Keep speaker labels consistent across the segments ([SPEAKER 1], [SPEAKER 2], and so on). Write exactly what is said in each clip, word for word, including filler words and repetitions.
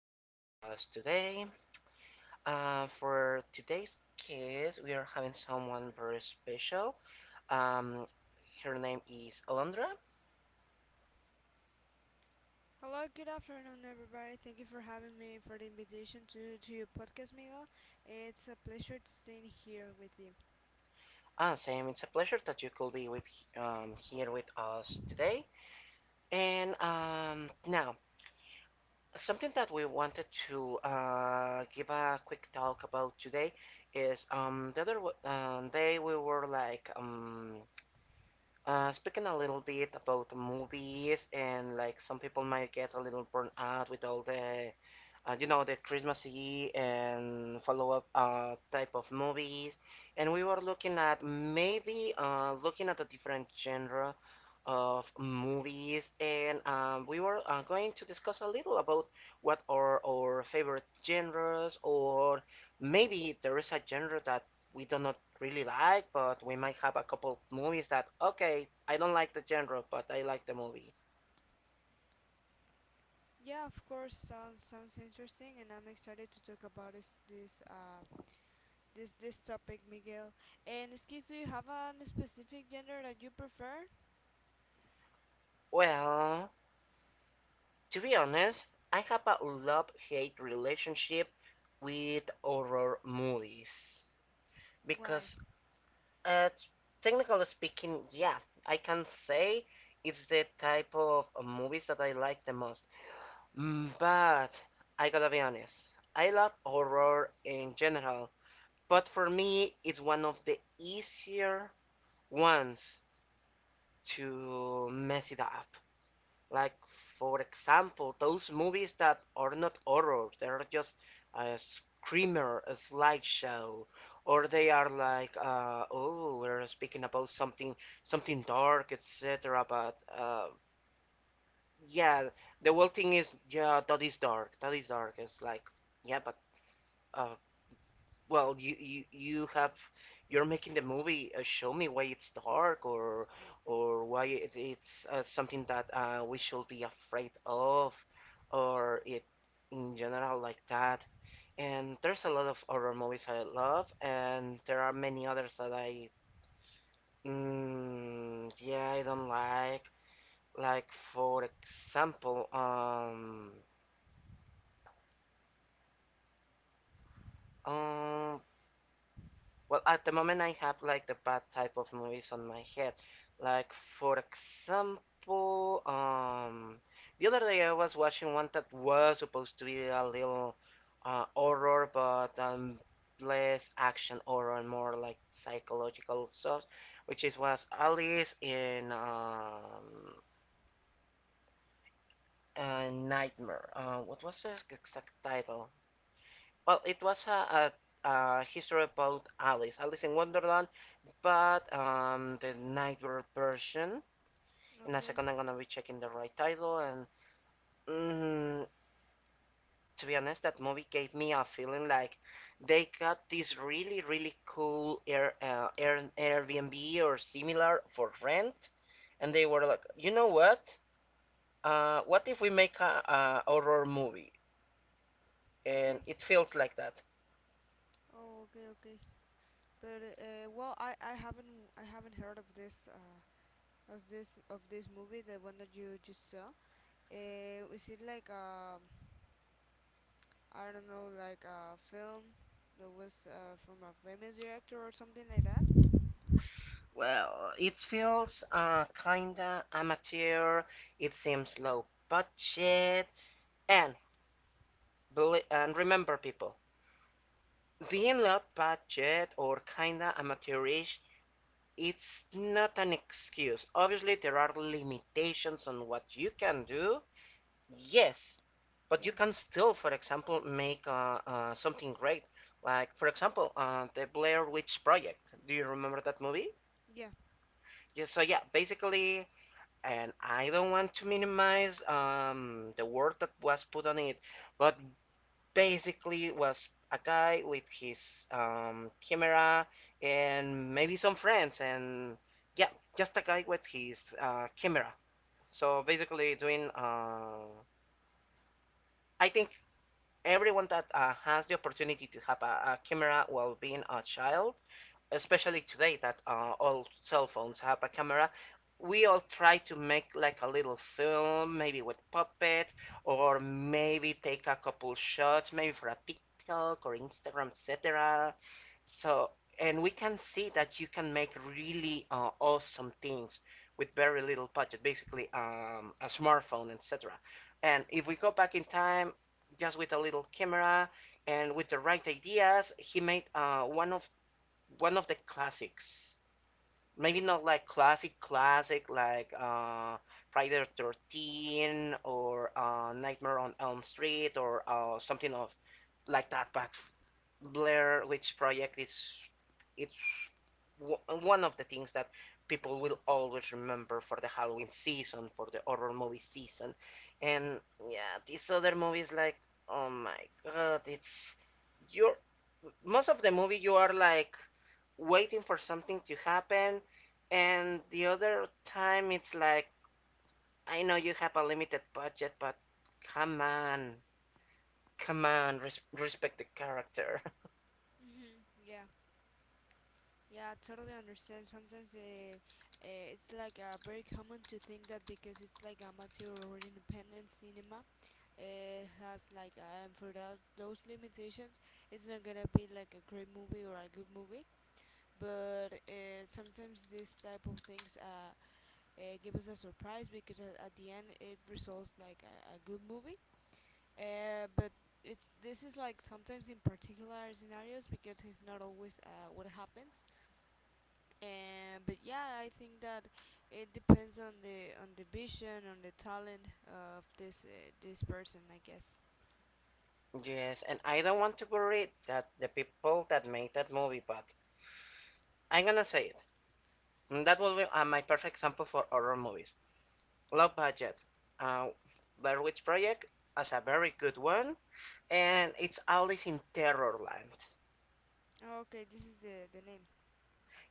[SPEAKER 1] here with us today. Uh, for today's case, we are having someone very special. Um, Her name is Alondra.
[SPEAKER 2] Hello, good afternoon, everybody. Thank you for having me for the invitation to to your podcast, Miguel. It's a pleasure to stay here with you.
[SPEAKER 1] Uh, Sam, it's a pleasure that you could be with um, here with us today. And um, now, something that we wanted to uh, give a quick talk about today is um, the other w- um, day we were like um, Uh, speaking a little bit about movies, and like some people might get a little burnt out with all the uh, you know, the Christmasy and follow-up uh, type of movies, and we were looking at maybe uh, looking at a different genre of movies, and um, we were uh, going to discuss a little about what are our favorite genres, or maybe there is a genre that we do not really like, but we might have a couple movies that, okay, I don't like the genre, but I like the movie.
[SPEAKER 2] Yeah, of course, sounds sounds interesting, and I'm excited to talk about this this uh this this topic, Miguel. And excuse, do you have a specific gender that you prefer?
[SPEAKER 1] Well, to be honest, I have a love hate relationship with horror movies
[SPEAKER 2] Why?
[SPEAKER 1] because, uh, technically speaking, yeah, I can say it's the type of movies that I like the most. Mm, But I gotta be honest, I love horror in general, but for me, it's one of the easier ones to mess it up. Like, for example, those movies that are not horror, they're just a screamer, a slideshow, or they are like, uh, oh, we're speaking about something, something dark, et cetera. But uh, yeah, the whole thing is, yeah, that is dark, that is dark. It's like, yeah, but uh, well, you, you you have you're making the movie, uh, show me why it's dark, or or why it, it's uh, something that uh, we should be afraid of, or it in general, like that. And there's a lot of horror movies I love, and there are many others that I mm, yeah, I don't like. Like, for example, um um well, at the moment, I have like the bad type of movies on my head. Like, for example, um, the other day I was watching one that was supposed to be a little uh, horror, but um, less action horror and more like psychological stuff, which is was Alice in um, a Nightmare. Uh, what was the exact title? Well, it was a, a, a history about Alice, Alice in Wonderland, but um, the Nightbird version. In a
[SPEAKER 2] Okay,
[SPEAKER 1] second, I'm gonna be checking the right title. And mm, to be honest, that movie gave me a feeling like they got this really, really cool Air, uh, Air, Airbnb or similar for rent, and they were like, you know what? Uh, what if we make a, a horror movie? And
[SPEAKER 2] okay.
[SPEAKER 1] it feels like that.
[SPEAKER 2] Oh, okay, okay. But uh, well, I I haven't I haven't heard of this uh of this of this movie, the one that you just saw. Uh, is it like um I don't know, like a film that was uh, from a famous director or something like that.
[SPEAKER 1] Well, it feels uh, kinda amateur. It seems low budget, and and remember, people, being not budget or kinda amateurish, it's not an excuse. Obviously, there are limitations on what you can do. Yes, but you
[SPEAKER 2] Yeah,
[SPEAKER 1] can still, for example, make uh, uh, something great. Like, for example, uh, the Blair Witch Project. Do you remember that movie?
[SPEAKER 2] yeah,
[SPEAKER 1] Yeah, so yeah, basically, and I don't want to minimize um, the work that was put on it, but basically was a guy with his um, camera and maybe some friends, and yeah, just a guy with his uh, camera. So basically, doing, uh, I think everyone that uh, has the opportunity to have a, a camera while being a child, especially today that uh, all cell phones have a camera, we all try to make like a little film, maybe with puppet, or maybe take a couple shots, maybe for a tiktok or instagram, etc. So, and we can see that you can make really uh, awesome things with very little budget, basically um, a smartphone, etc. And if we go back in time, just with a little camera and with the right ideas, he made, uh, one of one of the classics. Maybe not like classic classic like uh, Friday the Thirteenth, or uh, Nightmare on Elm Street, or uh, something of like that. But Blair Witch Project is it's w- one of the things that people will always remember for the Halloween season, for the horror movie season. And yeah, these other movies, like, oh my god, it's you're, most of the movie you are like waiting for something to happen, and the other time it's like, I know you have a limited budget, but come on, come on, res- respect the character.
[SPEAKER 2] hmm yeah, yeah. I totally understand. Sometimes uh, uh, it's like uh, very common to think that because it's like amateur or independent cinema, it has like uh, and for that, those limitations, it's not gonna be like a great movie or a good movie. But uh, sometimes this type of things uh, uh, give us a surprise because at, at the end it results like a, a good movie. Uh, but it, this is like sometimes in particular scenarios because it's not always uh, what happens. And but yeah, I think that it depends on the on the vision, on the talent of this uh, this person, I guess.
[SPEAKER 1] Yes, and I don't want to worry that the people that made that movie, but I'm gonna say it, and that will be uh, my perfect example for horror movies, low budget, uh, Blair Witch Project, as a very good one, and it's always in terror land.
[SPEAKER 2] Okay, this is the the name.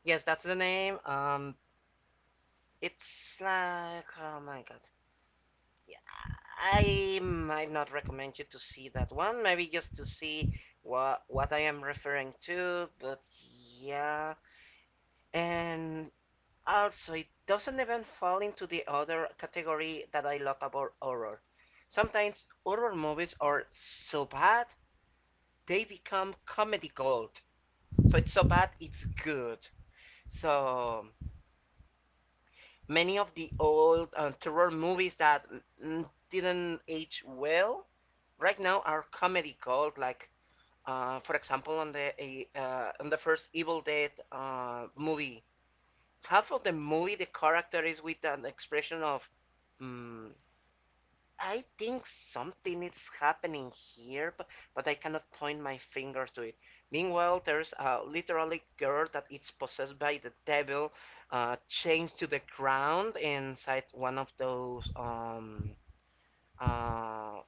[SPEAKER 1] Yes, that's the name. um It's like, oh my god. Yeah, I might not recommend you to see that one, maybe just to see what what I am referring to. But yeah, and also it doesn't even fall into the other category that I love about horror. Sometimes horror movies are so bad they become comedy gold. So it's so bad it's good. So many of the old uh, terror movies that mm, didn't age well right now are comedy gold. Like, uh, for example, on the uh, on the first Evil Dead uh, movie, half of the movie the character is with an expression of, mm I think something is happening here, but, but I cannot point my finger to it. Meanwhile, there's a literally girl that is possessed by the devil, uh, chained to the ground inside one of those, um, uh,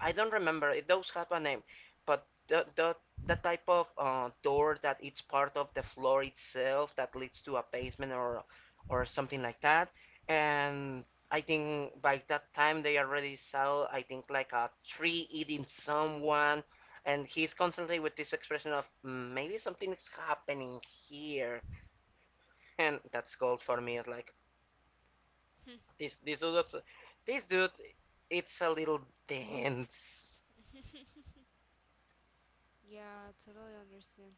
[SPEAKER 1] I don't remember. It does have a name, but the the the type of uh, door that it's part of the floor itself that leads to a basement, or or something like that. And I think by that time they already saw, I think, like a tree eating someone, and he's constantly with this expression of "Mm, maybe something is happening here." And that's gold for me. It's like, this this dude this dude, it's a little dense.
[SPEAKER 2] Yeah, I totally understand.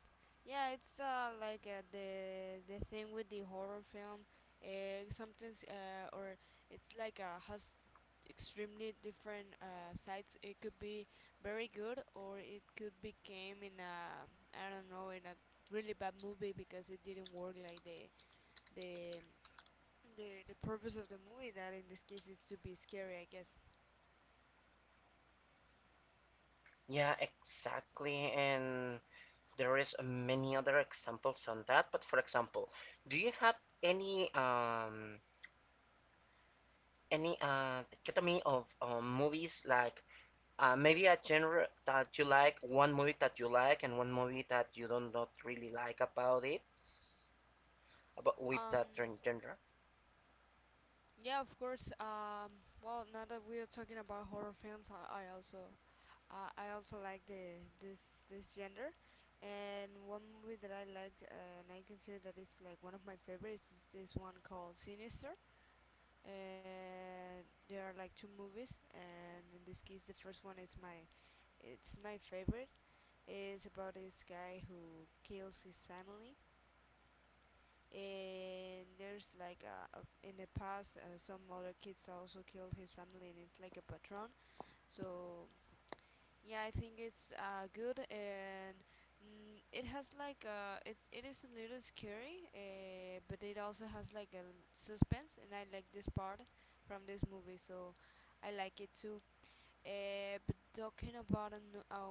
[SPEAKER 2] Yeah, it's uh like uh, the the thing with the horror film. Uh, sometimes uh or it's like uh has extremely different uh sides. It could be very good or it could became in a, I don't know, in a really bad movie because it didn't work like the the the the purpose of the movie that in this case is to be scary, I guess.
[SPEAKER 1] Yeah, exactly. And there is many other examples on that. But, for example, do you have any um any uh dichotomy of um, movies, like, uh, maybe a genre that you like, one movie that you like, and one movie that you don't not really like about it, about with
[SPEAKER 2] Um.
[SPEAKER 1] that gen- genre?
[SPEAKER 2] Yeah, of course. Um, well, now that we are talking about horror films, I, I also I, I also like the this this gender. And one movie that I like, uh, and I consider that is like one of my favorites, is this one called Sinister. And there are like two movies, and in this case, the first one is my it's my favorite. It's about this guy who kills his family, and there's like a, a in the past uh, some other kids also killed his family and it's like a patron. So yeah, I think it's uh, good. And mm, it has like a, it's it is a little scary, uh, but it also has like a suspense and I like this part from this movie, so I like it too. Uh, but talking about a, n- a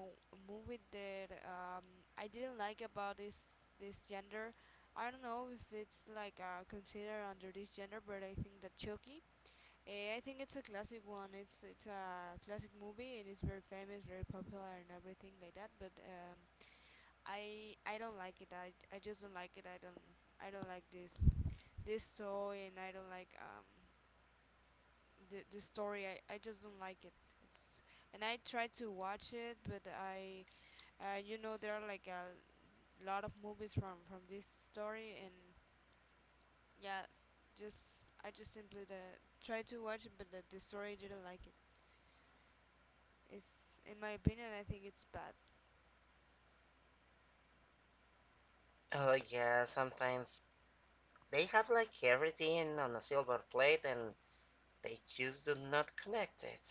[SPEAKER 2] movie that um, I didn't like about this this gender, I don't know if it's like uh, considered under this gender, but I think that Chucky. Uh, I think it's a classic one. It's it's a classic movie and it's very famous, very popular, and everything like that. But um, I I don't like it. I I just don't like it. I don't I don't like this this toy, and I don't like um the the story. I, I just don't like it it's And I tried to watch it but I uh, you know there are like a lot of movies from from this story. And yeah s- just I just simply the, tried to watch it, but the, the story didn't like it. It's in my opinion, I think it's bad.
[SPEAKER 1] Oh yeah, sometimes they have like everything on a silver plate, and they just do not connect it.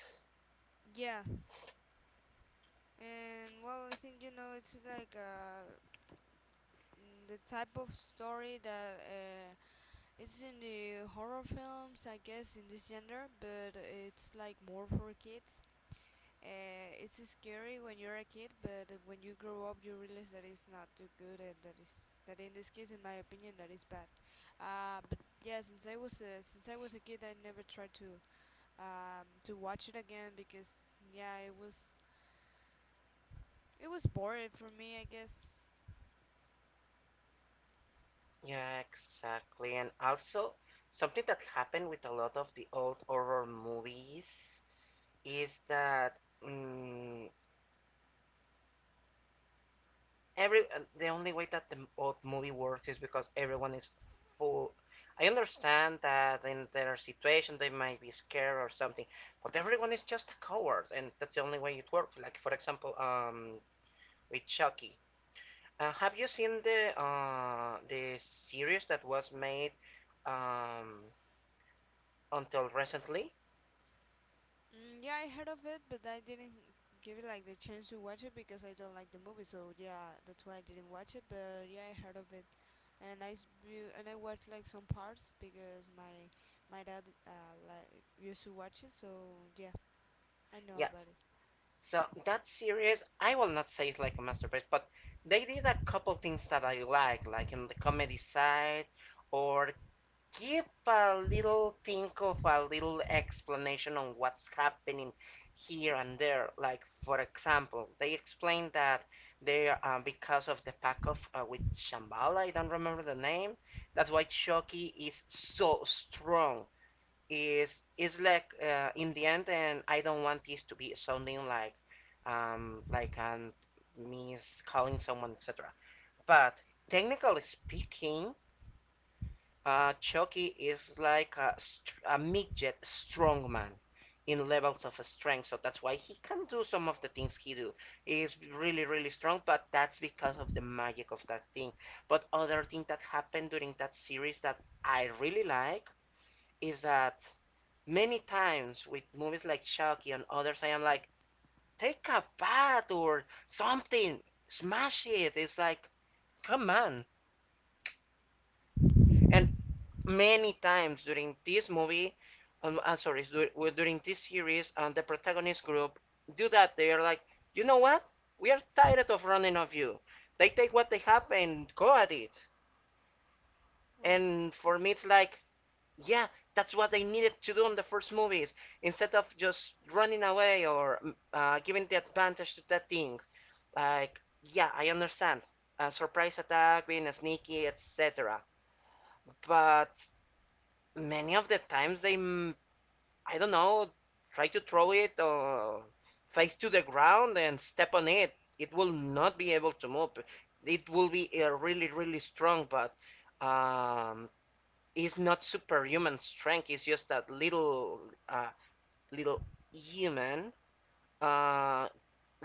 [SPEAKER 2] Yeah, and well I think you know it's like uh mm, the type of story that uh it's in the horror films, I guess, in this genre, but it's like more for kids. Uh, it's scary when you're a kid, but when you grow up, you realize that it's not too good, and that is that in this case, in my opinion, that is bad. Uh, but yeah, since I was a, since I was a kid, I never tried to um, to watch it again because yeah, it was it was boring for me, I guess.
[SPEAKER 1] Yeah, exactly. And also, something that happened with a lot of the old horror movies is that, mm, every uh, the only way that the m- old movie works is because everyone is full. I understand that in their situation they might be scared or something, but everyone is just a coward, and that's the only way it works. Like, for example, um, with Chucky. Uh, have you seen the uh, the series that was made um, until recently?
[SPEAKER 2] Mm, yeah, I heard of it, but I didn't give it like the chance to watch it because I don't like the movie. So yeah, that's why I didn't watch it. But yeah, I heard of it, and I s- view- and I watched like some parts because my my dad uh, like used to watch it. So yeah, I know about
[SPEAKER 1] Yes.
[SPEAKER 2] it.
[SPEAKER 1] So that series, I will not say it's like a masterpiece, but they did a couple things that I like, like in the comedy side, or give a little think of a little explanation on what's happening here and there. Like, for example, they explained that they, uh, because of the pack of, uh, with Shambhala, I don't remember the name. That's why Chucky is so strong, is is like, uh, in the end, and I don't want this to be sounding like, um like um me calling someone, etc. But technically speaking, uh Chucky is like a, str- a midget strongman in levels of strength, so that's why he can do some of the things he do. He is really really strong, but that's because of the magic of that thing. But other thing that happened during that series that I really like is that many times with movies like Chucky and others, I am like, take a bat or something, smash it. It's like, come on. And many times during this movie, um, I'm sorry, well, during this series, and the protagonist group do that. They are like, you know what? We are tired of running off you. They take what they have and go at it.
[SPEAKER 2] Well,
[SPEAKER 1] And for me, it's like, yeah, that's what they needed to do in the first movies. Instead of just running away, or mm, uh, giving the advantage to that thing. Like, yeah, I understand. A surprise attack, being sneaky, et cetera. But many of the times they, mm, I don't know, try to throw it or face to the ground and step on it. It will not be able to move. It will be uh, really, really strong, but um, is not superhuman strength. It's just that little uh, little human, uh,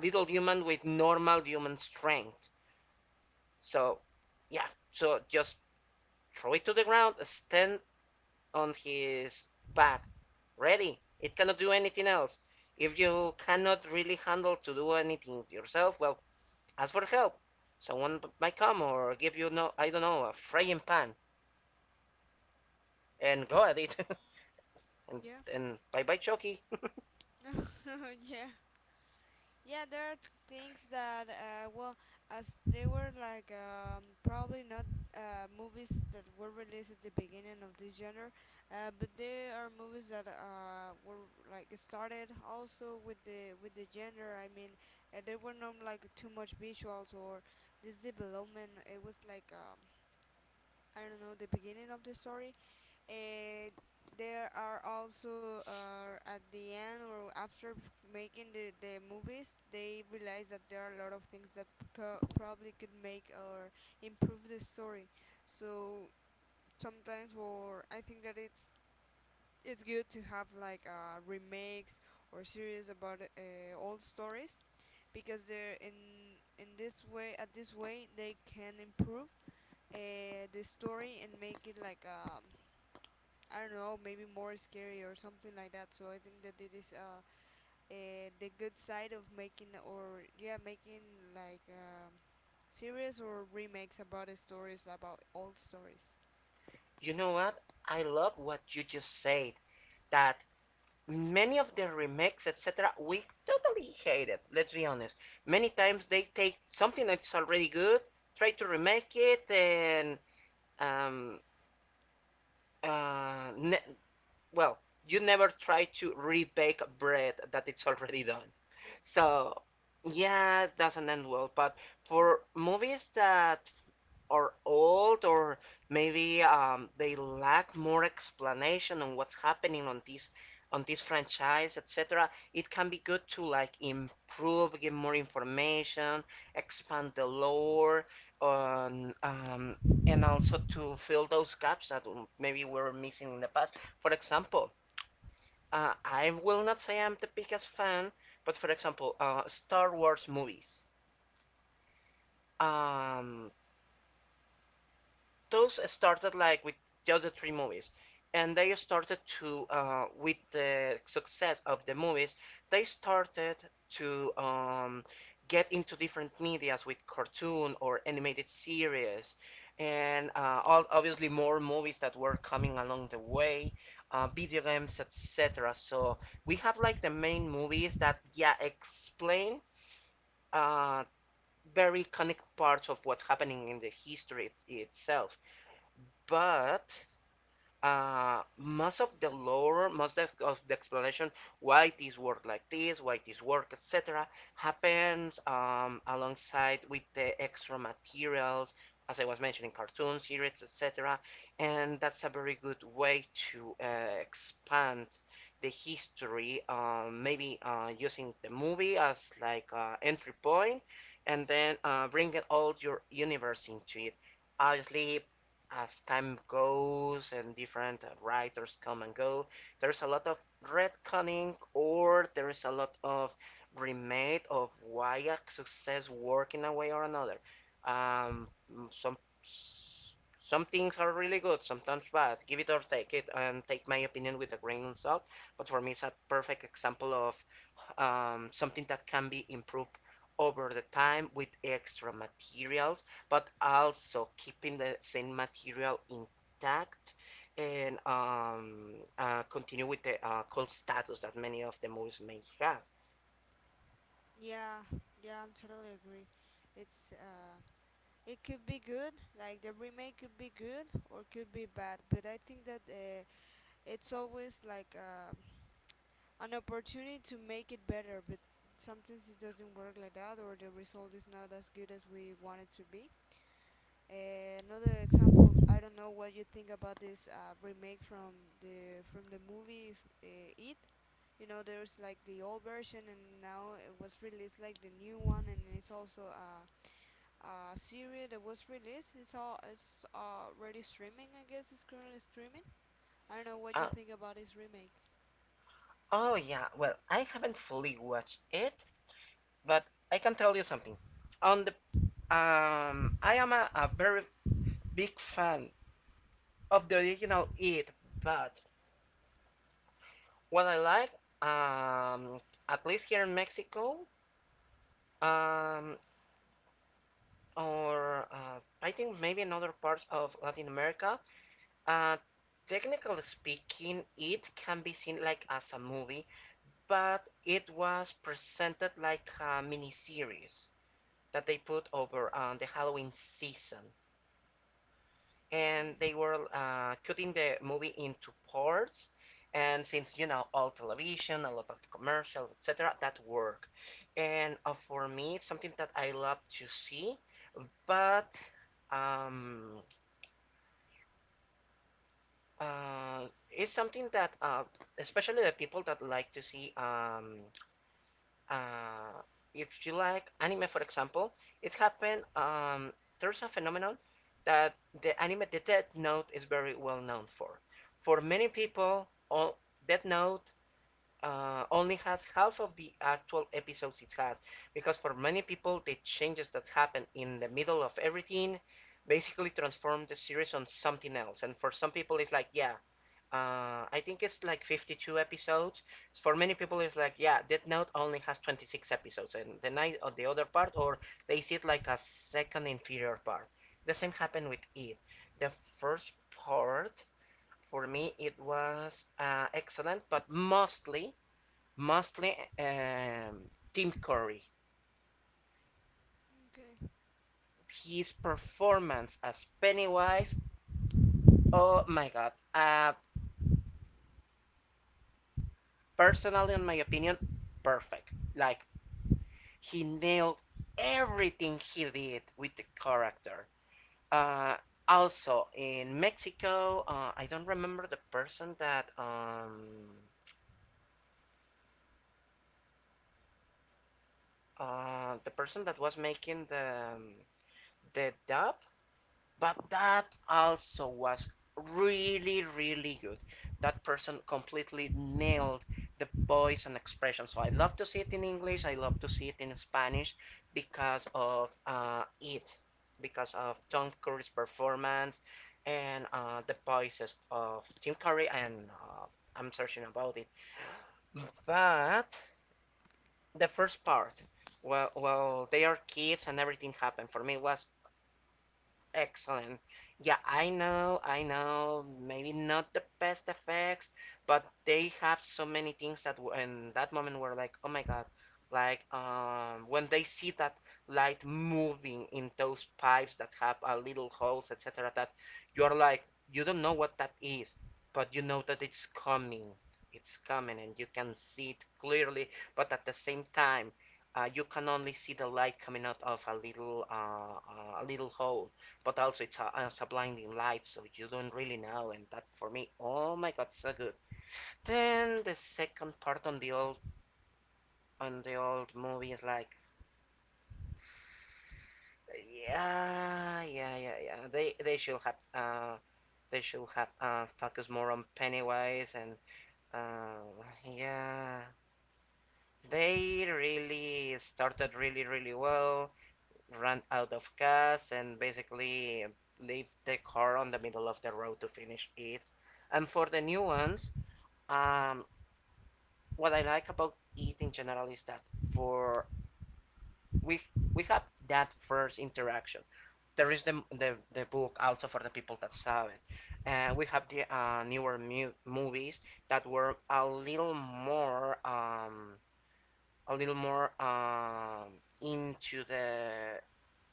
[SPEAKER 1] little human with normal human strength. So yeah, so just throw it to the ground, stand on his back, ready. It cannot do anything else. If you cannot really handle to do anything yourself, well, ask for help. Someone might come or give you no, I don't know, a frying pan, and go at it. and
[SPEAKER 2] yeah,
[SPEAKER 1] and bye bye, Chucky.
[SPEAKER 2] yeah. Yeah, there are things that, uh, well, as they were like um, probably not uh, movies that were released at the beginning of this genre, uh, but they are movies that uh, were like started also with the with the genre. I mean, uh, there were not like too much visuals or this development. It was like um, I don't know the beginning of the story. uh, there are also uh, at the end or after f- making the, the movies, they realize that there are a lot of things that pro- probably could make or improve the story. So sometimes, or I think that it's it's good to have like uh, remakes or series about uh, old stories because they're in in this way at this way they can improve uh, the story and make it like um I don't know, maybe more scary or something like that. So I think that it is uh, uh the good side of making or yeah making like um, series or remakes about the stories about old stories.
[SPEAKER 1] You know what? I love what you just said. That many of the remakes, etcetera, we totally hate it. Let's be honest. Many times they take something that's already good, try to remake it, and um, uh, ne- well, you never try to rebake bread that it's already done. So yeah, it doesn't end well. But for movies that are old or maybe um, they lack more explanation on what's happening on this on this franchise, etc. It can be good to like improve, get more information, expand the lore on um, and also to fill those gaps that maybe were missing in the past. For example, uh, I will not say I'm the biggest fan, but for example, uh, Star Wars movies. um, those started like with just the three movies, and they started to uh, with the success of the movies, they started to um, get into different medias with cartoon or animated series, and uh, all, obviously more movies that were coming along the way, uh, video games, etc. So we have like the main movies that, yeah, explain uh, very iconic parts of what's happening in the history it- itself. But uh, most of the lore, most of, of the explanation why this work like this, why this work, etcetera, happens, um, alongside with the extra materials, as I was mentioning, cartoon series, etcetera And that's a very good way to uh, expand the history, um, maybe uh, using the movie as like uh, entry point, and then uh, bringing all your universe into it. Obviously, as time goes and different writers come and go, there's a lot of retconning, or there is a lot of remade of why a success work in a way or another. Um, some some things are really good, sometimes bad. Give it or take it, and take my opinion with a grain of salt. But for me, it's a perfect example of um, something that can be improved over the time with extra materials, but also keeping the same material intact, and um, uh, continue with the uh, cult status that many of the movies may have.
[SPEAKER 2] Yeah, yeah, I'm totally agree. It's uh, it could be good, like the remake could be good or could be bad, but I think that uh, it's always like um an opportunity to make it better, but sometimes it doesn't work like that or the result is not as good as we want it to be. Uh, another example, I don't know what you think about this uh, remake from the from the movie uh, It. You know, there's like the old version, and now it was released like the new one, and it's also a, a series that was released. It's all it's already streaming, I guess. It's currently streaming. I don't know what you
[SPEAKER 1] Uh,
[SPEAKER 2] think about this remake.
[SPEAKER 1] oh yeah, well, I haven't fully watched it, but I can tell you something. On the um, I am a, a very big fan of the original It, but what I like, um, at least here in Mexico, um, or uh, I think maybe in other parts of Latin America, Uh, technically speaking, it can be seen like as a movie, but it was presented like a miniseries that they put over on the Halloween season. And
[SPEAKER 2] Okay.
[SPEAKER 1] they were uh, cutting the movie into parts. And since you know all television, a lot of commercials, etcetera, that work. And uh, for me, it's something that I love to see, but um, uh, it's something that uh, especially the people that like to see um, uh, if you like anime, for example. It happened, um, there's a phenomenon that the anime, the Death Note, is very well known for. For many people all, Death Note uh, only has half of the actual episodes it has, because for many people the changes that happen in the middle of everything basically transform the series on something else. And for some people, it's like, yeah, uh, I think it's like fifty-two episodes. For many people, it's like, yeah, Death Note only has twenty-six episodes, and the night or the other part, or they see it like a second inferior part. The same happened with It. The first part, for me, it was uh, excellent, but mostly, mostly um, Tim Curry.
[SPEAKER 2] Okay.
[SPEAKER 1] His performance as Pennywise, oh my god. Uh, personally, in my opinion, perfect. Like, he nailed everything he did with the character. Uh, Also in Mexico, uh, I don't remember the person that um, uh, the person that was making the um, the dub. But that also was really, really good. That person completely nailed the voice and expression. So I love to see it in English. I love to see it in Spanish because of uh, it, because of Tom Curry's performance, and uh, the voices of Tim Curry. And uh, I'm searching about it. But the first part, well, well, they are kids and everything happened. For me, it was excellent. Yeah, I know, I know. Maybe not the best effects, but they have so many things that w- in that moment were like, oh my God. Like um, when they see that light moving in those pipes that have a little holes, etcetera, that you're like, you don't know what that is, but you know that it's coming. It's coming, and you can see it clearly, but at the same time, uh, you can only see the light coming out of a little uh, uh, a little hole. But also it's a, it's a blinding light, so you don't really know. And that for me, oh my god, so good. Then the second part on the old on the old movie is like, yeah, yeah, yeah, yeah. They they should have uh they should have uh focused more on Pennywise, and uh yeah. They really started really, really well, ran out of gas, and basically leave the car on the middle of the road to finish it. And for the new ones, Um, what I like about eating general is that for we we have that first interaction. There is the the, the book also for the people that saw it, and we have the uh, newer mu- movies that were a little more um a little more um into the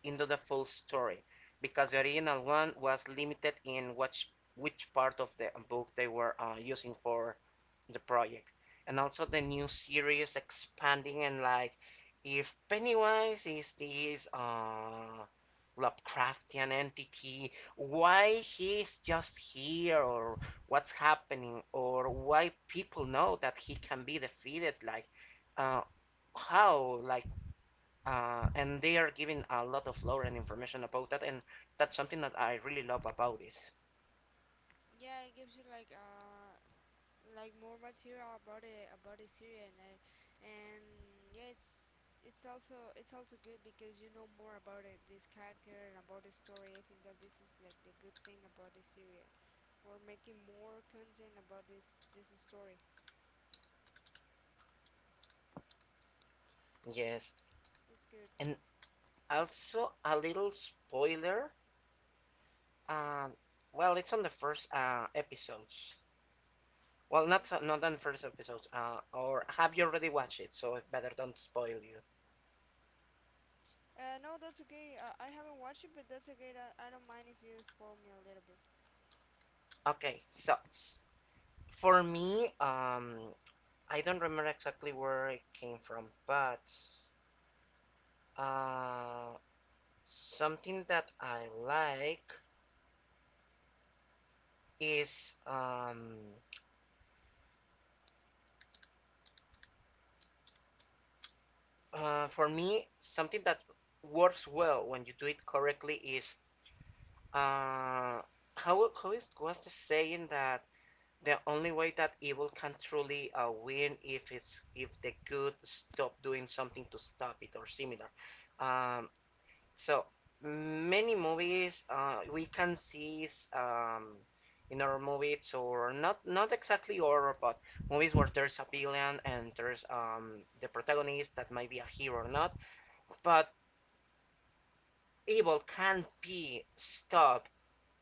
[SPEAKER 1] into the full story, because the original one was limited in which which part of the book they were uh, using for the project. And also the new series expanding, and like, if Pennywise is this uh Lovecraftian entity, why he's just here, or what's happening, or why people know that he can be defeated, like uh how, like uh and they are giving a lot of lore and information about that, and that's something that I really love about it.
[SPEAKER 2] Yeah, it gives you like uh like more material about it, about the Syria. And I, and yeah, it's it's also it's also good because you know more about it this character and about the story. I think that this is like the good thing about the Syria, we're making more content about this this story. it's
[SPEAKER 1] Yes.
[SPEAKER 2] it's good.
[SPEAKER 1] And also a little spoiler. Um, well, it's on the first uh, episodes. Well,
[SPEAKER 2] Okay.
[SPEAKER 1] not so- not on the first episodes. Uh, or have you already watched it? So it better don't spoil you.
[SPEAKER 2] Uh no, that's okay. uh, I haven't watched it, but that's okay, that I don't mind if you spoil me a little bit.
[SPEAKER 1] Okay, so for me, um, I don't remember exactly where it came from, but uh, something that I like is um, uh, for me, something that works well when you do it correctly is uh, how how is what's the saying that the only way that evil can truly uh, win if it's if the good stop doing something to stop it or similar. Um, so many movies uh, we can see um, in our movies or not not exactly horror, but movies where there's a villain and there's um, the protagonist that might be a hero or not, but evil can be stopped,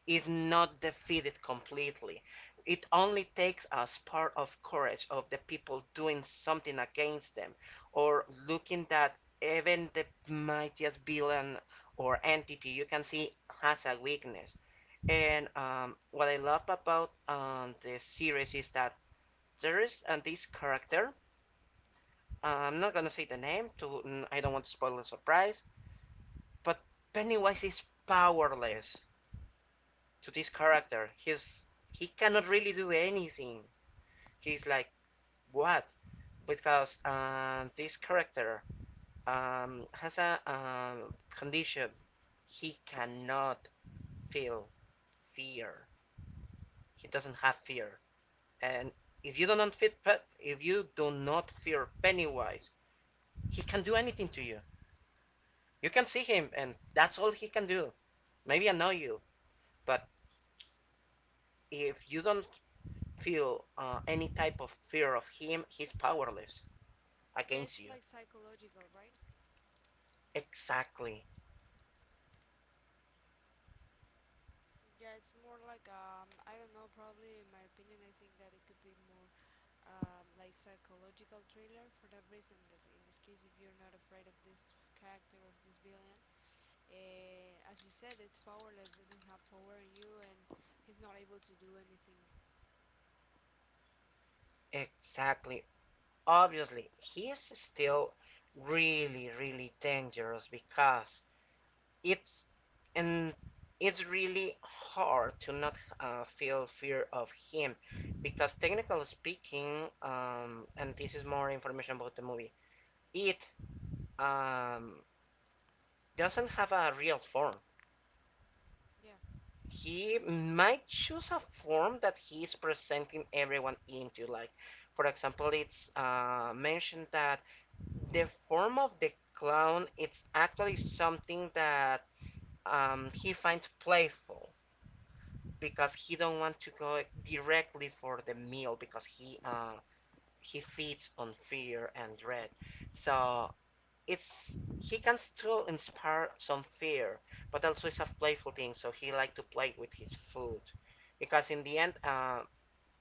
[SPEAKER 1] is not defeated completely. It only takes us part of courage of the people doing something against them, or looking that even the mightiest villain or entity you can see has a weakness. And um, what I love about um, the series is that there is uh, this character. Uh, I'm not gonna say the name to I don't want to spoil the surprise, but Pennywise is powerless to this character. He's he cannot really do anything. He's like, what? Because um, this character um, has a um, condition. He cannot feel fear. He doesn't have fear. And if you do not fit, if you do not fear Pennywise, he can do anything to you. You can see him, and that's all he can do. Maybe annoy you, but if you don't feel uh, any type of fear of him, he's powerless
[SPEAKER 2] Yeah, it's
[SPEAKER 1] against
[SPEAKER 2] like
[SPEAKER 1] you.
[SPEAKER 2] psychological, right?
[SPEAKER 1] Exactly,
[SPEAKER 2] Yeah, it's more like um I don't know, probably in my opinion I think that it could be more um, like psychological thriller for that reason that in this case if you're not afraid of this character of this villain, uh, as you said, it's powerless, doesn't have power in you and he's not able to do anything.
[SPEAKER 1] exactly. Obviously, he is still really, really dangerous because it's and it's really hard to not uh, feel fear of him, because technically speaking, um, and this is more information about the movie, it um, doesn't have a real form.
[SPEAKER 2] Yeah.
[SPEAKER 1] He might choose a form that he's presenting everyone into. Like, for example, it's uh, mentioned that the form of the clown it's actually something that um, he finds playful, because he don't want to go directly for the meal, because he uh, he feeds on fear and dread. So it's he can still inspire some fear, but also it's a playful thing, so he like to play with his food. Because in the end, uh,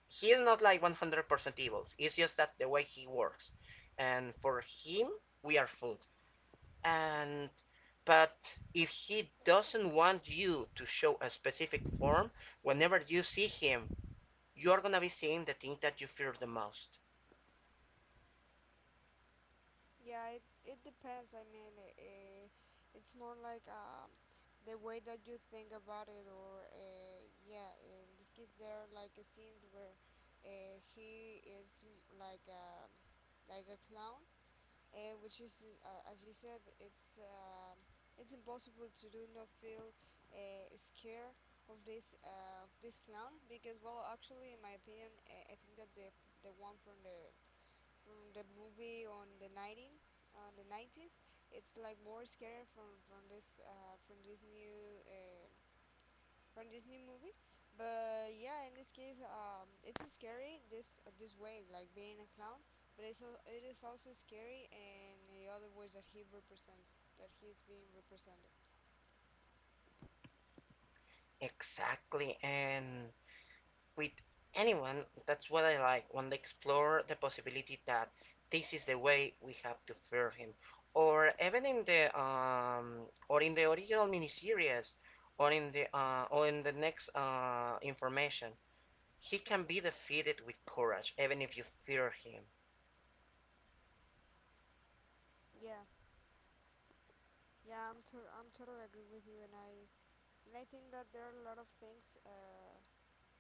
[SPEAKER 1] he is not like one hundred percent evil. It's just that the way he works. And for him, we are food. And but if he doesn't want you to show a specific form, whenever you see him, you're gonna be seeing the thing that you fear the most.
[SPEAKER 2] Yeah, it, it depends. I mean, uh, it's more like um, the way that you think about it, or uh, yeah, in this case, there are like uh, scenes where uh, he is m- like um like a clown, uh, which is uh, as you said, it's um it's impossible to do not feel uh, scared of this uh, this clown. Because well actually in my opinion, uh, I think that the the one from the from the movie on the nineteen on the nineties it's like more scary from from this uh, from this new uh, from this new movie. But yeah, in this case, um, it's scary this uh, this way, like being a clown. But it's al- it is also scary in the other ways that he represents, that he's being represented.
[SPEAKER 1] Exactly, and with anyone, that's what I like when they explore the possibility that this is the way we have to fear him, or even in the um, or in the original miniseries, or in the uh, or in the next uh, information. He can be defeated with courage, even if you fear him.
[SPEAKER 2] Yeah, yeah, I'm to- I'm totally agree with you, and I and I think that there are a lot of things uh,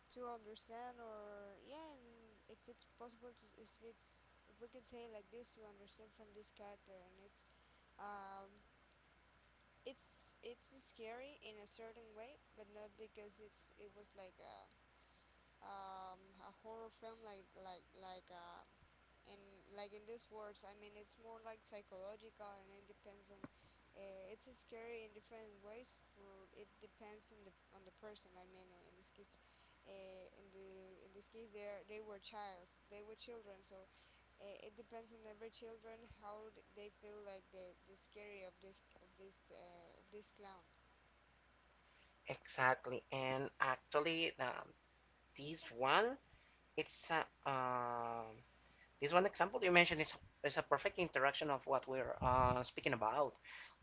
[SPEAKER 2] to understand, or yeah, and if it's possible to, if it's if we can say it like this, to understand from this character, and it's um it's it's scary in a certain way, but not because it's it was like a um a horror film like like like um and like in these words. I mean, it's more like psychological, and it depends on. Uh, it's scary in different ways. For it depends on the on the person. I mean, in this case, uh, in the in this case, they they were childs. They were children. So Uh, it depends on every children how they feel like the, the scary of this of this uh, of this clown.
[SPEAKER 1] Exactly, and actually, um, this one it's a um, This one example you mentioned is, is a perfect interaction of what we're uh, speaking about.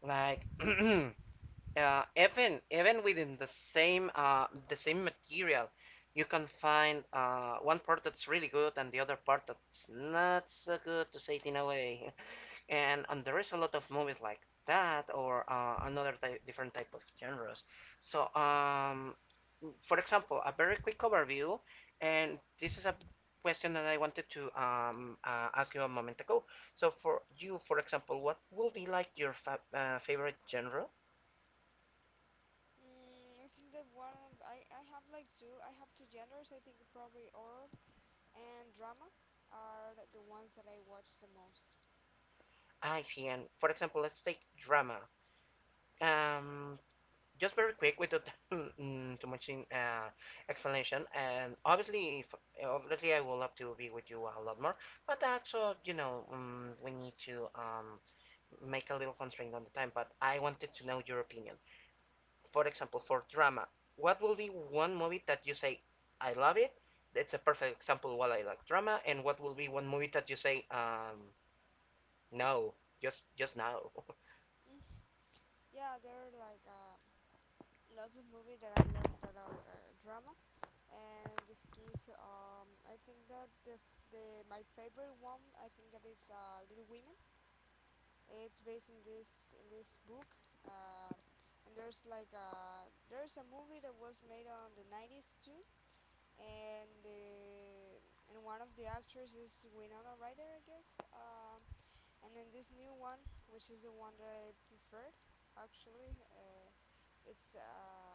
[SPEAKER 1] Like uh, even even within the same uh, the same material, you can find uh, one part that's really good and the other part that's not so good to say it in a way. And and there is a lot of movies like that or uh, another type, different type of genres. So um for example, a very quick overview, and this is a question that I wanted to um, uh, ask you a moment ago. So for you, for example, what will be like your fa uh, favorite genre?
[SPEAKER 2] Mm, I think that one of I, I have like two. I have two genders. I think probably horror and drama are th- the ones that I watch the most.
[SPEAKER 1] I see. And for example, let's take drama. Um, just very quick without too much in, uh, explanation. And obviously, if, obviously, I will have to be with you a lot more. But also, you know, um, we need to um, make a little constraint on the time. But I wanted to know your opinion. For example, for drama, what will be one movie that you say, I love it? That's a perfect example why I like drama. And what will be one movie that you say, um, no, just just no?
[SPEAKER 2] Mm. Yeah, there are like uh, lots of movies that I love that are uh, drama, and in this case, um, I think that the f- the my favorite one I think that is uh, Little Women. It's based in this in this book. Uh, and there's like uh, there's a movie that was made on the nineties too and uh, and one of the actors is Winona Ryder, I guess. Um, and then this new one, which is the one that I preferred, actually, uh, it's um,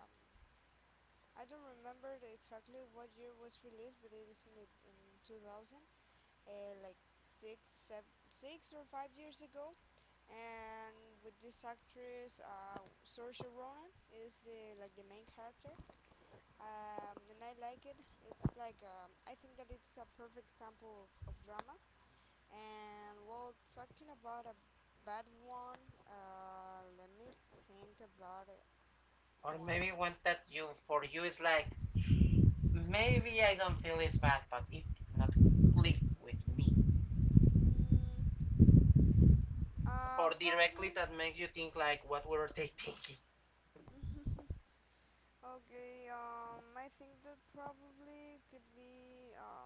[SPEAKER 2] I don't remember exactly what year it was released, but it is in the, in two thousand, uh, like six, seven, six or five years ago. And with this actress, uh, Saoirse Ronan is the like the main character, um, and I like it. It's like um, I think that it's a perfect example of, of drama. And well, talking about a bad one, uh, let me think about it.
[SPEAKER 1] Or
[SPEAKER 2] One,
[SPEAKER 1] maybe one that you, for you, is like, maybe I don't feel it's bad, but it not click with me.
[SPEAKER 2] mm, uh,
[SPEAKER 1] Or
[SPEAKER 2] probably.
[SPEAKER 1] directly that makes you think like, what were they thinking?
[SPEAKER 2] Okay, um, I think that probably could be um,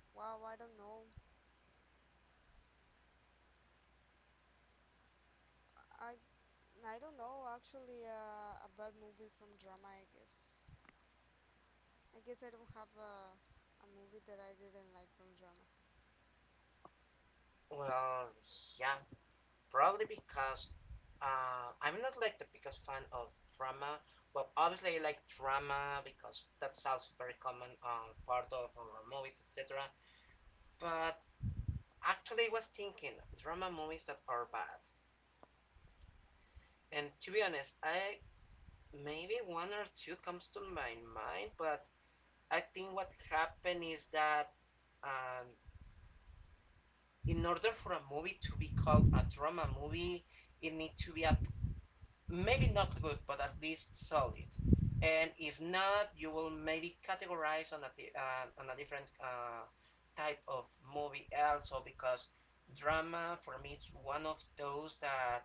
[SPEAKER 2] wow, I don't know. I I don't know actually uh, a bad movie from drama, I guess. I guess I don't have a, a movie that I didn't like from drama.
[SPEAKER 1] Well, yeah, probably because uh, I'm not like the biggest fan of drama. Well, obviously I like drama because that's also very common uh, part of our movies, et cetera. But actually, I was thinking drama movies that are bad. And to be honest, I maybe one or two comes to my mind, but I think what happened is that um, in order for a movie to be called a drama movie, it needs to be a maybe not good, but at least solid. And if not, you will maybe categorize on a uh, on a different uh, type of movie also because drama for me is one of those that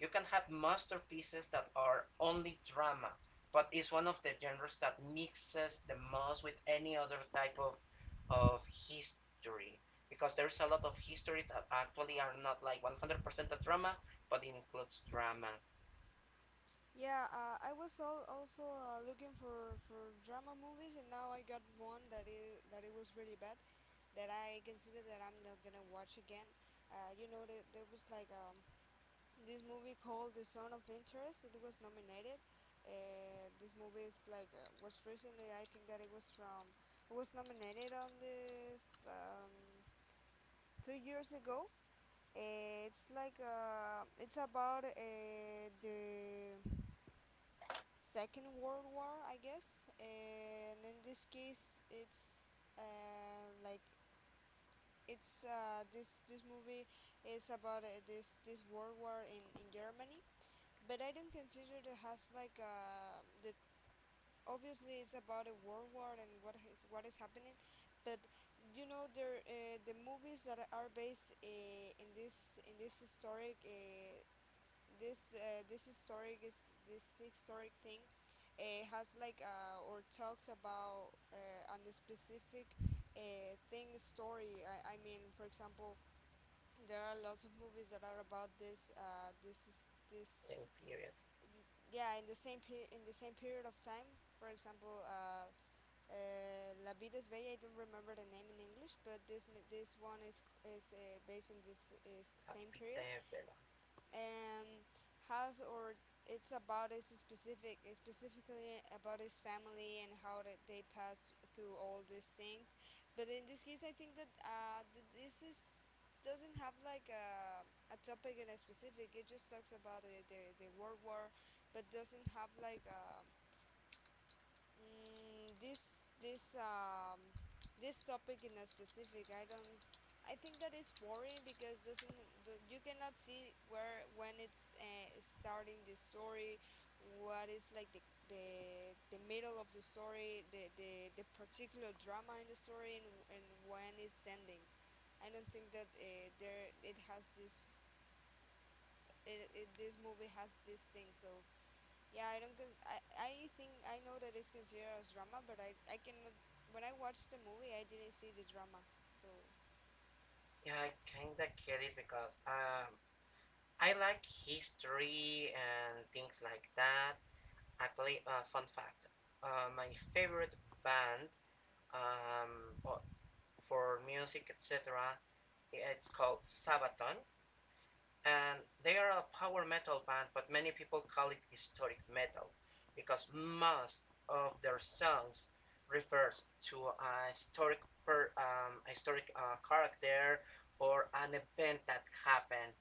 [SPEAKER 1] you can have masterpieces that are only drama, but it's one of the genres that mixes the most with any other type of of history because there's a lot of history that actually are not like one hundred percent a drama but includes drama
[SPEAKER 2] Yeah, uh, I was al also uh, looking for for drama movies, and now I got one that it that it was really bad, that I consider that I'm not gonna watch again. Uh, you know, there, there was like um, this movie called The Zone of Interest. It was nominated. Uh, this movie is like uh, was recently. I think that it was from it was nominated on this um, two years ago. Eh, It's like uh, it's about uh, the Second World War, I guess. Eh, And in this case, it's uh, like it's uh, this this movie is about uh, this this World War in in Germany. But I don't consider it has like uh, the obviously it's about a world war and what is what is happening, but you know there uh, the movies that are based uh, in this in this historic uh, this uh, this historic is this historic thing uh, has like uh, or talks about uh, on a specific uh, thing story. I, I mean, for example, there are lots of movies that are about this. Uh, this is this
[SPEAKER 1] time period,
[SPEAKER 2] th- yeah, in the same peri- in the same period of time. For example, uh, uh, La Vida es Bella. I don't remember the name in English, but this n- this one is c- is uh, based in this is
[SPEAKER 1] a
[SPEAKER 2] same
[SPEAKER 1] big
[SPEAKER 2] period,
[SPEAKER 1] time Bella.
[SPEAKER 2] and has or it's about his specific specifically about his family and how that they pass through all these things. But in this case I think that uh th- this is doesn't have like a, a topic in a specific. It just talks about the, the, the world war, but doesn't have like a mm this this um this topic in a specific. I don't, I think that it's boring because doesn't the, you cannot see where when it's uh, starting the story, what is like the the, the middle of the story, the, the the particular drama in the story, and, and when it's ending. I don't think that uh, there it has this. it, it, this movie has this thing. So yeah, I don't. Cons- I I think I know that it's considered as drama, but I I cannot. When I watched the movie, I didn't see the drama. So
[SPEAKER 1] Yeah, I kinda get it because um, I like history and things like that. Actually, uh, fun fact: uh, my favorite band um, for music, et cetera. It's called Sabaton. And they are a power metal band, but many people call it historic metal because most of their songs refers to a historic per, um, a historic uh, character or an event that happened.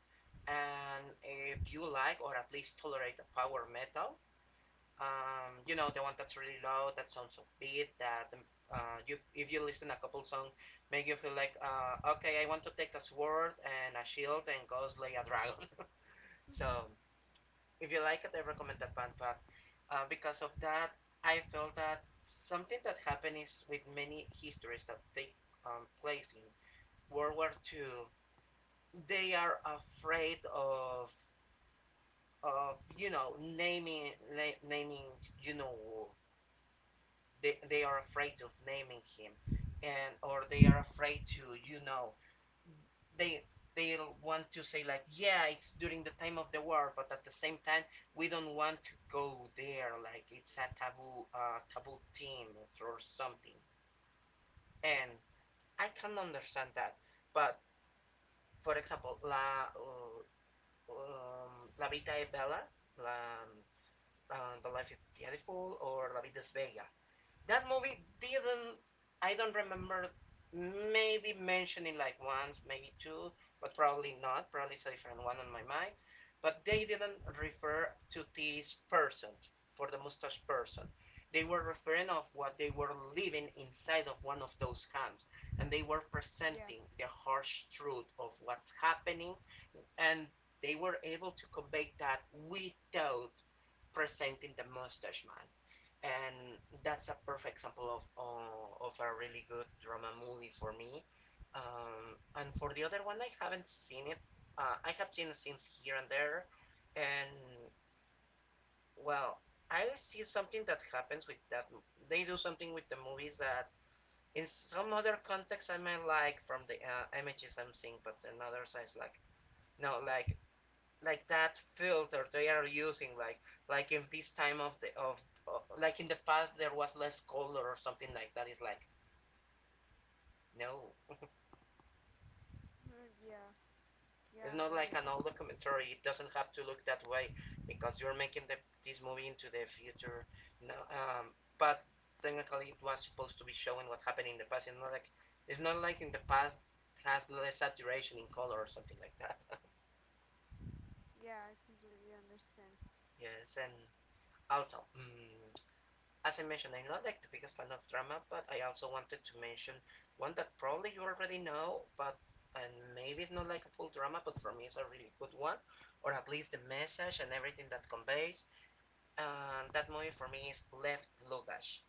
[SPEAKER 1] And if you like, or at least tolerate the power metal, um, you know the one that's really loud, that sounds upbeat, that um, uh, you if you listen a couple songs, make you feel like uh, okay, I want to take a sword and a shield and go slay a dragon. So if you like it, I recommend that band. Uh, because of that, I felt that something that happens with many histories that take um, place in World War two, they are afraid of of you know naming naming you know they, they are afraid of naming him, and or they are afraid to you know they, they'll want to say like yeah it's during the time of the war, but at the same time we don't want to go there, like it's a taboo uh, taboo theme or something. And I can understand that, but for example la um, la vita è bella, la, um, the life is beautiful, or la vida es bella. That movie didn't, I don't remember, maybe mentioning like once, maybe two, but probably not. Probably it's a different one on my mind. But they didn't refer to this person, for the mustache person. They were referring of what they were living inside of one of those camps, and they were
[SPEAKER 2] yeah,
[SPEAKER 1] presenting the harsh truth of what's happening, and they were able to convey that without presenting the mustache man, and that's a perfect example of uh, of a really good drama movie for me. Um, and for the other one, I haven't seen it. Uh, I have seen scenes here and there, and well, I see something that happens with that. They do something with the movies that, in some other context, I might like from the uh, images I'm seeing, but in others, I like no, like like that filter they are using, like like in this time of the of uh, like in the past there was less color or something like that, it's like no.
[SPEAKER 2] yeah, yeah, I
[SPEAKER 1] It's
[SPEAKER 2] got
[SPEAKER 1] not
[SPEAKER 2] it.
[SPEAKER 1] like an old documentary, it doesn't have to look that way because you're making the, this movie into the future, you know um, but technically it was supposed to be showing what happened in the past. It's not like it's not like in the past has less saturation in color or something like that.
[SPEAKER 2] Yeah, I completely understand.
[SPEAKER 1] Yes, and also mm, as I mentioned, I'm not like the biggest fan of drama, but I also wanted to mention one that probably you already know, but and maybe it's not like a full drama, but for me it's a really good one, or at least the message and everything that conveys. And uh, that movie for me is Left Luggage.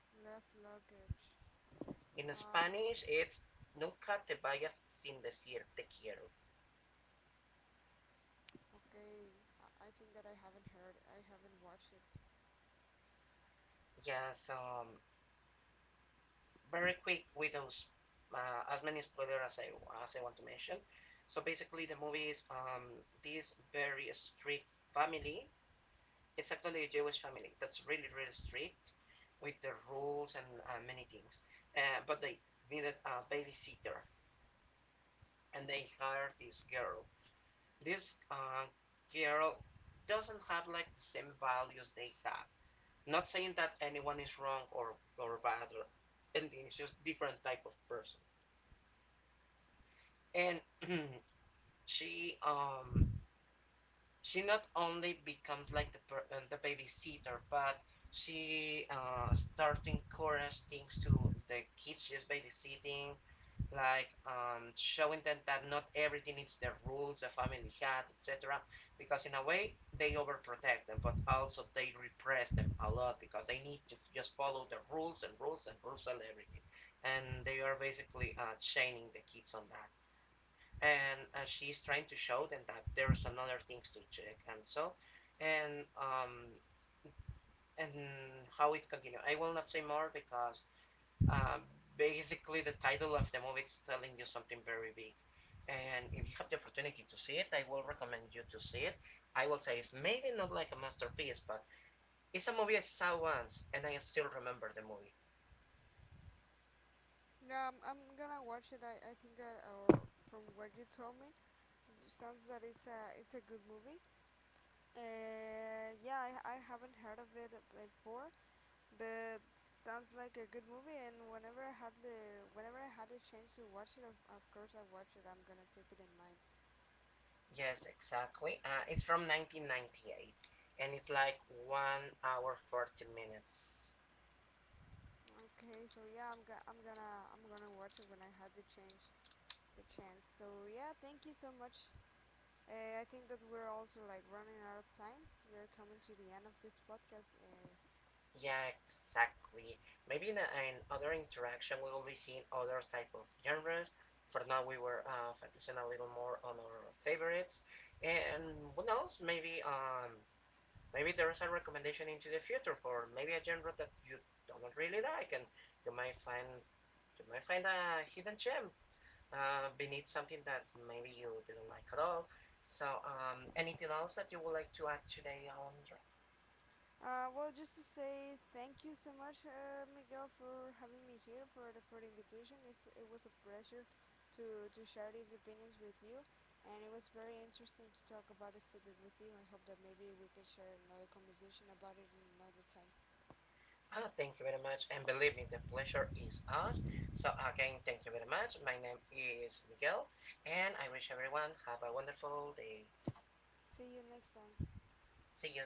[SPEAKER 2] Left luggage.
[SPEAKER 1] In
[SPEAKER 2] Um,
[SPEAKER 1] Spanish, it's Nunca te vayas sin decir te quiero.
[SPEAKER 2] okay. I, I think that I haven't heard, I haven't watched it.
[SPEAKER 1] Yeah, so um, very quick with those uh, as many spoilers as I as I want to mention. So basically, the movie is um, this very strict family. It's actually a Jewish family that's really really strict with the rules and uh, many things. Uh, but they needed a babysitter, and they hired this girl. This uh, girl doesn't have like the same values they have. Not saying that anyone is wrong or or bad or anything. It's just different type of person. And she um she not only becomes like the per- uh, the babysitter, but she uh start to encourage things to the kids she's babysitting, like um showing them that not everything is the rules a family had, et cetera. Because in a way they overprotect them, but also they repress them a lot because they need to f- just follow the rules and rules and rules and everything, and they are basically uh chaining the kids on that, and uh, she's trying to show them that there's another things to check. And so and um and how it continues, I will not say more because um basically the title of the movie is telling you something very big, and if you have the opportunity to see it, I will recommend you to see it. I will say it's maybe not like a masterpiece, but it's a movie I saw once and I still remember the movie.
[SPEAKER 2] Yeah, I'm, I'm gonna watch it. I, I think, uh, or from what you told me, it sounds that it's a, it's a good movie. Uh, yeah, I, I haven't heard of it before. But sounds like a good movie, and whenever I had the whenever I had the chance to watch it, of, of course I watch it. I'm gonna take it in mind.
[SPEAKER 1] Yes, exactly, uh, it's from nineteen ninety-eight and it's like one hour forty minutes.
[SPEAKER 2] Okay, so yeah, I'm go- I'm gonna I'm gonna watch it when I had the chance the chance. So yeah, thank you so much. Uh, I think that we're also like running out of time. We're coming to the end of this podcast. Uh,
[SPEAKER 1] Yeah, exactly. Maybe in a, in other interaction we will be seeing other type of genres. For now, we were uh, focusing a little more on our favorites, and who knows? Maybe um, maybe there is a recommendation into the future for maybe a genre that you don't really like, and you might find you might find a hidden gem uh, beneath something that maybe you didn't like at all. So, um, anything else that you would like to add today, Alondra?
[SPEAKER 2] Uh, well, just to say thank you so much, uh, Miguel, for having me here for the for the invitation. It's, It was a pleasure to to share these opinions with you, and it was very interesting to talk about this topic with you. I hope that maybe we can share another conversation about it in another time.
[SPEAKER 1] Oh, thank you very much. And believe me, the pleasure is ours. So again, thank you very much. My name is Miguel, and I wish everyone have a wonderful day.
[SPEAKER 2] See you next time.
[SPEAKER 1] See you.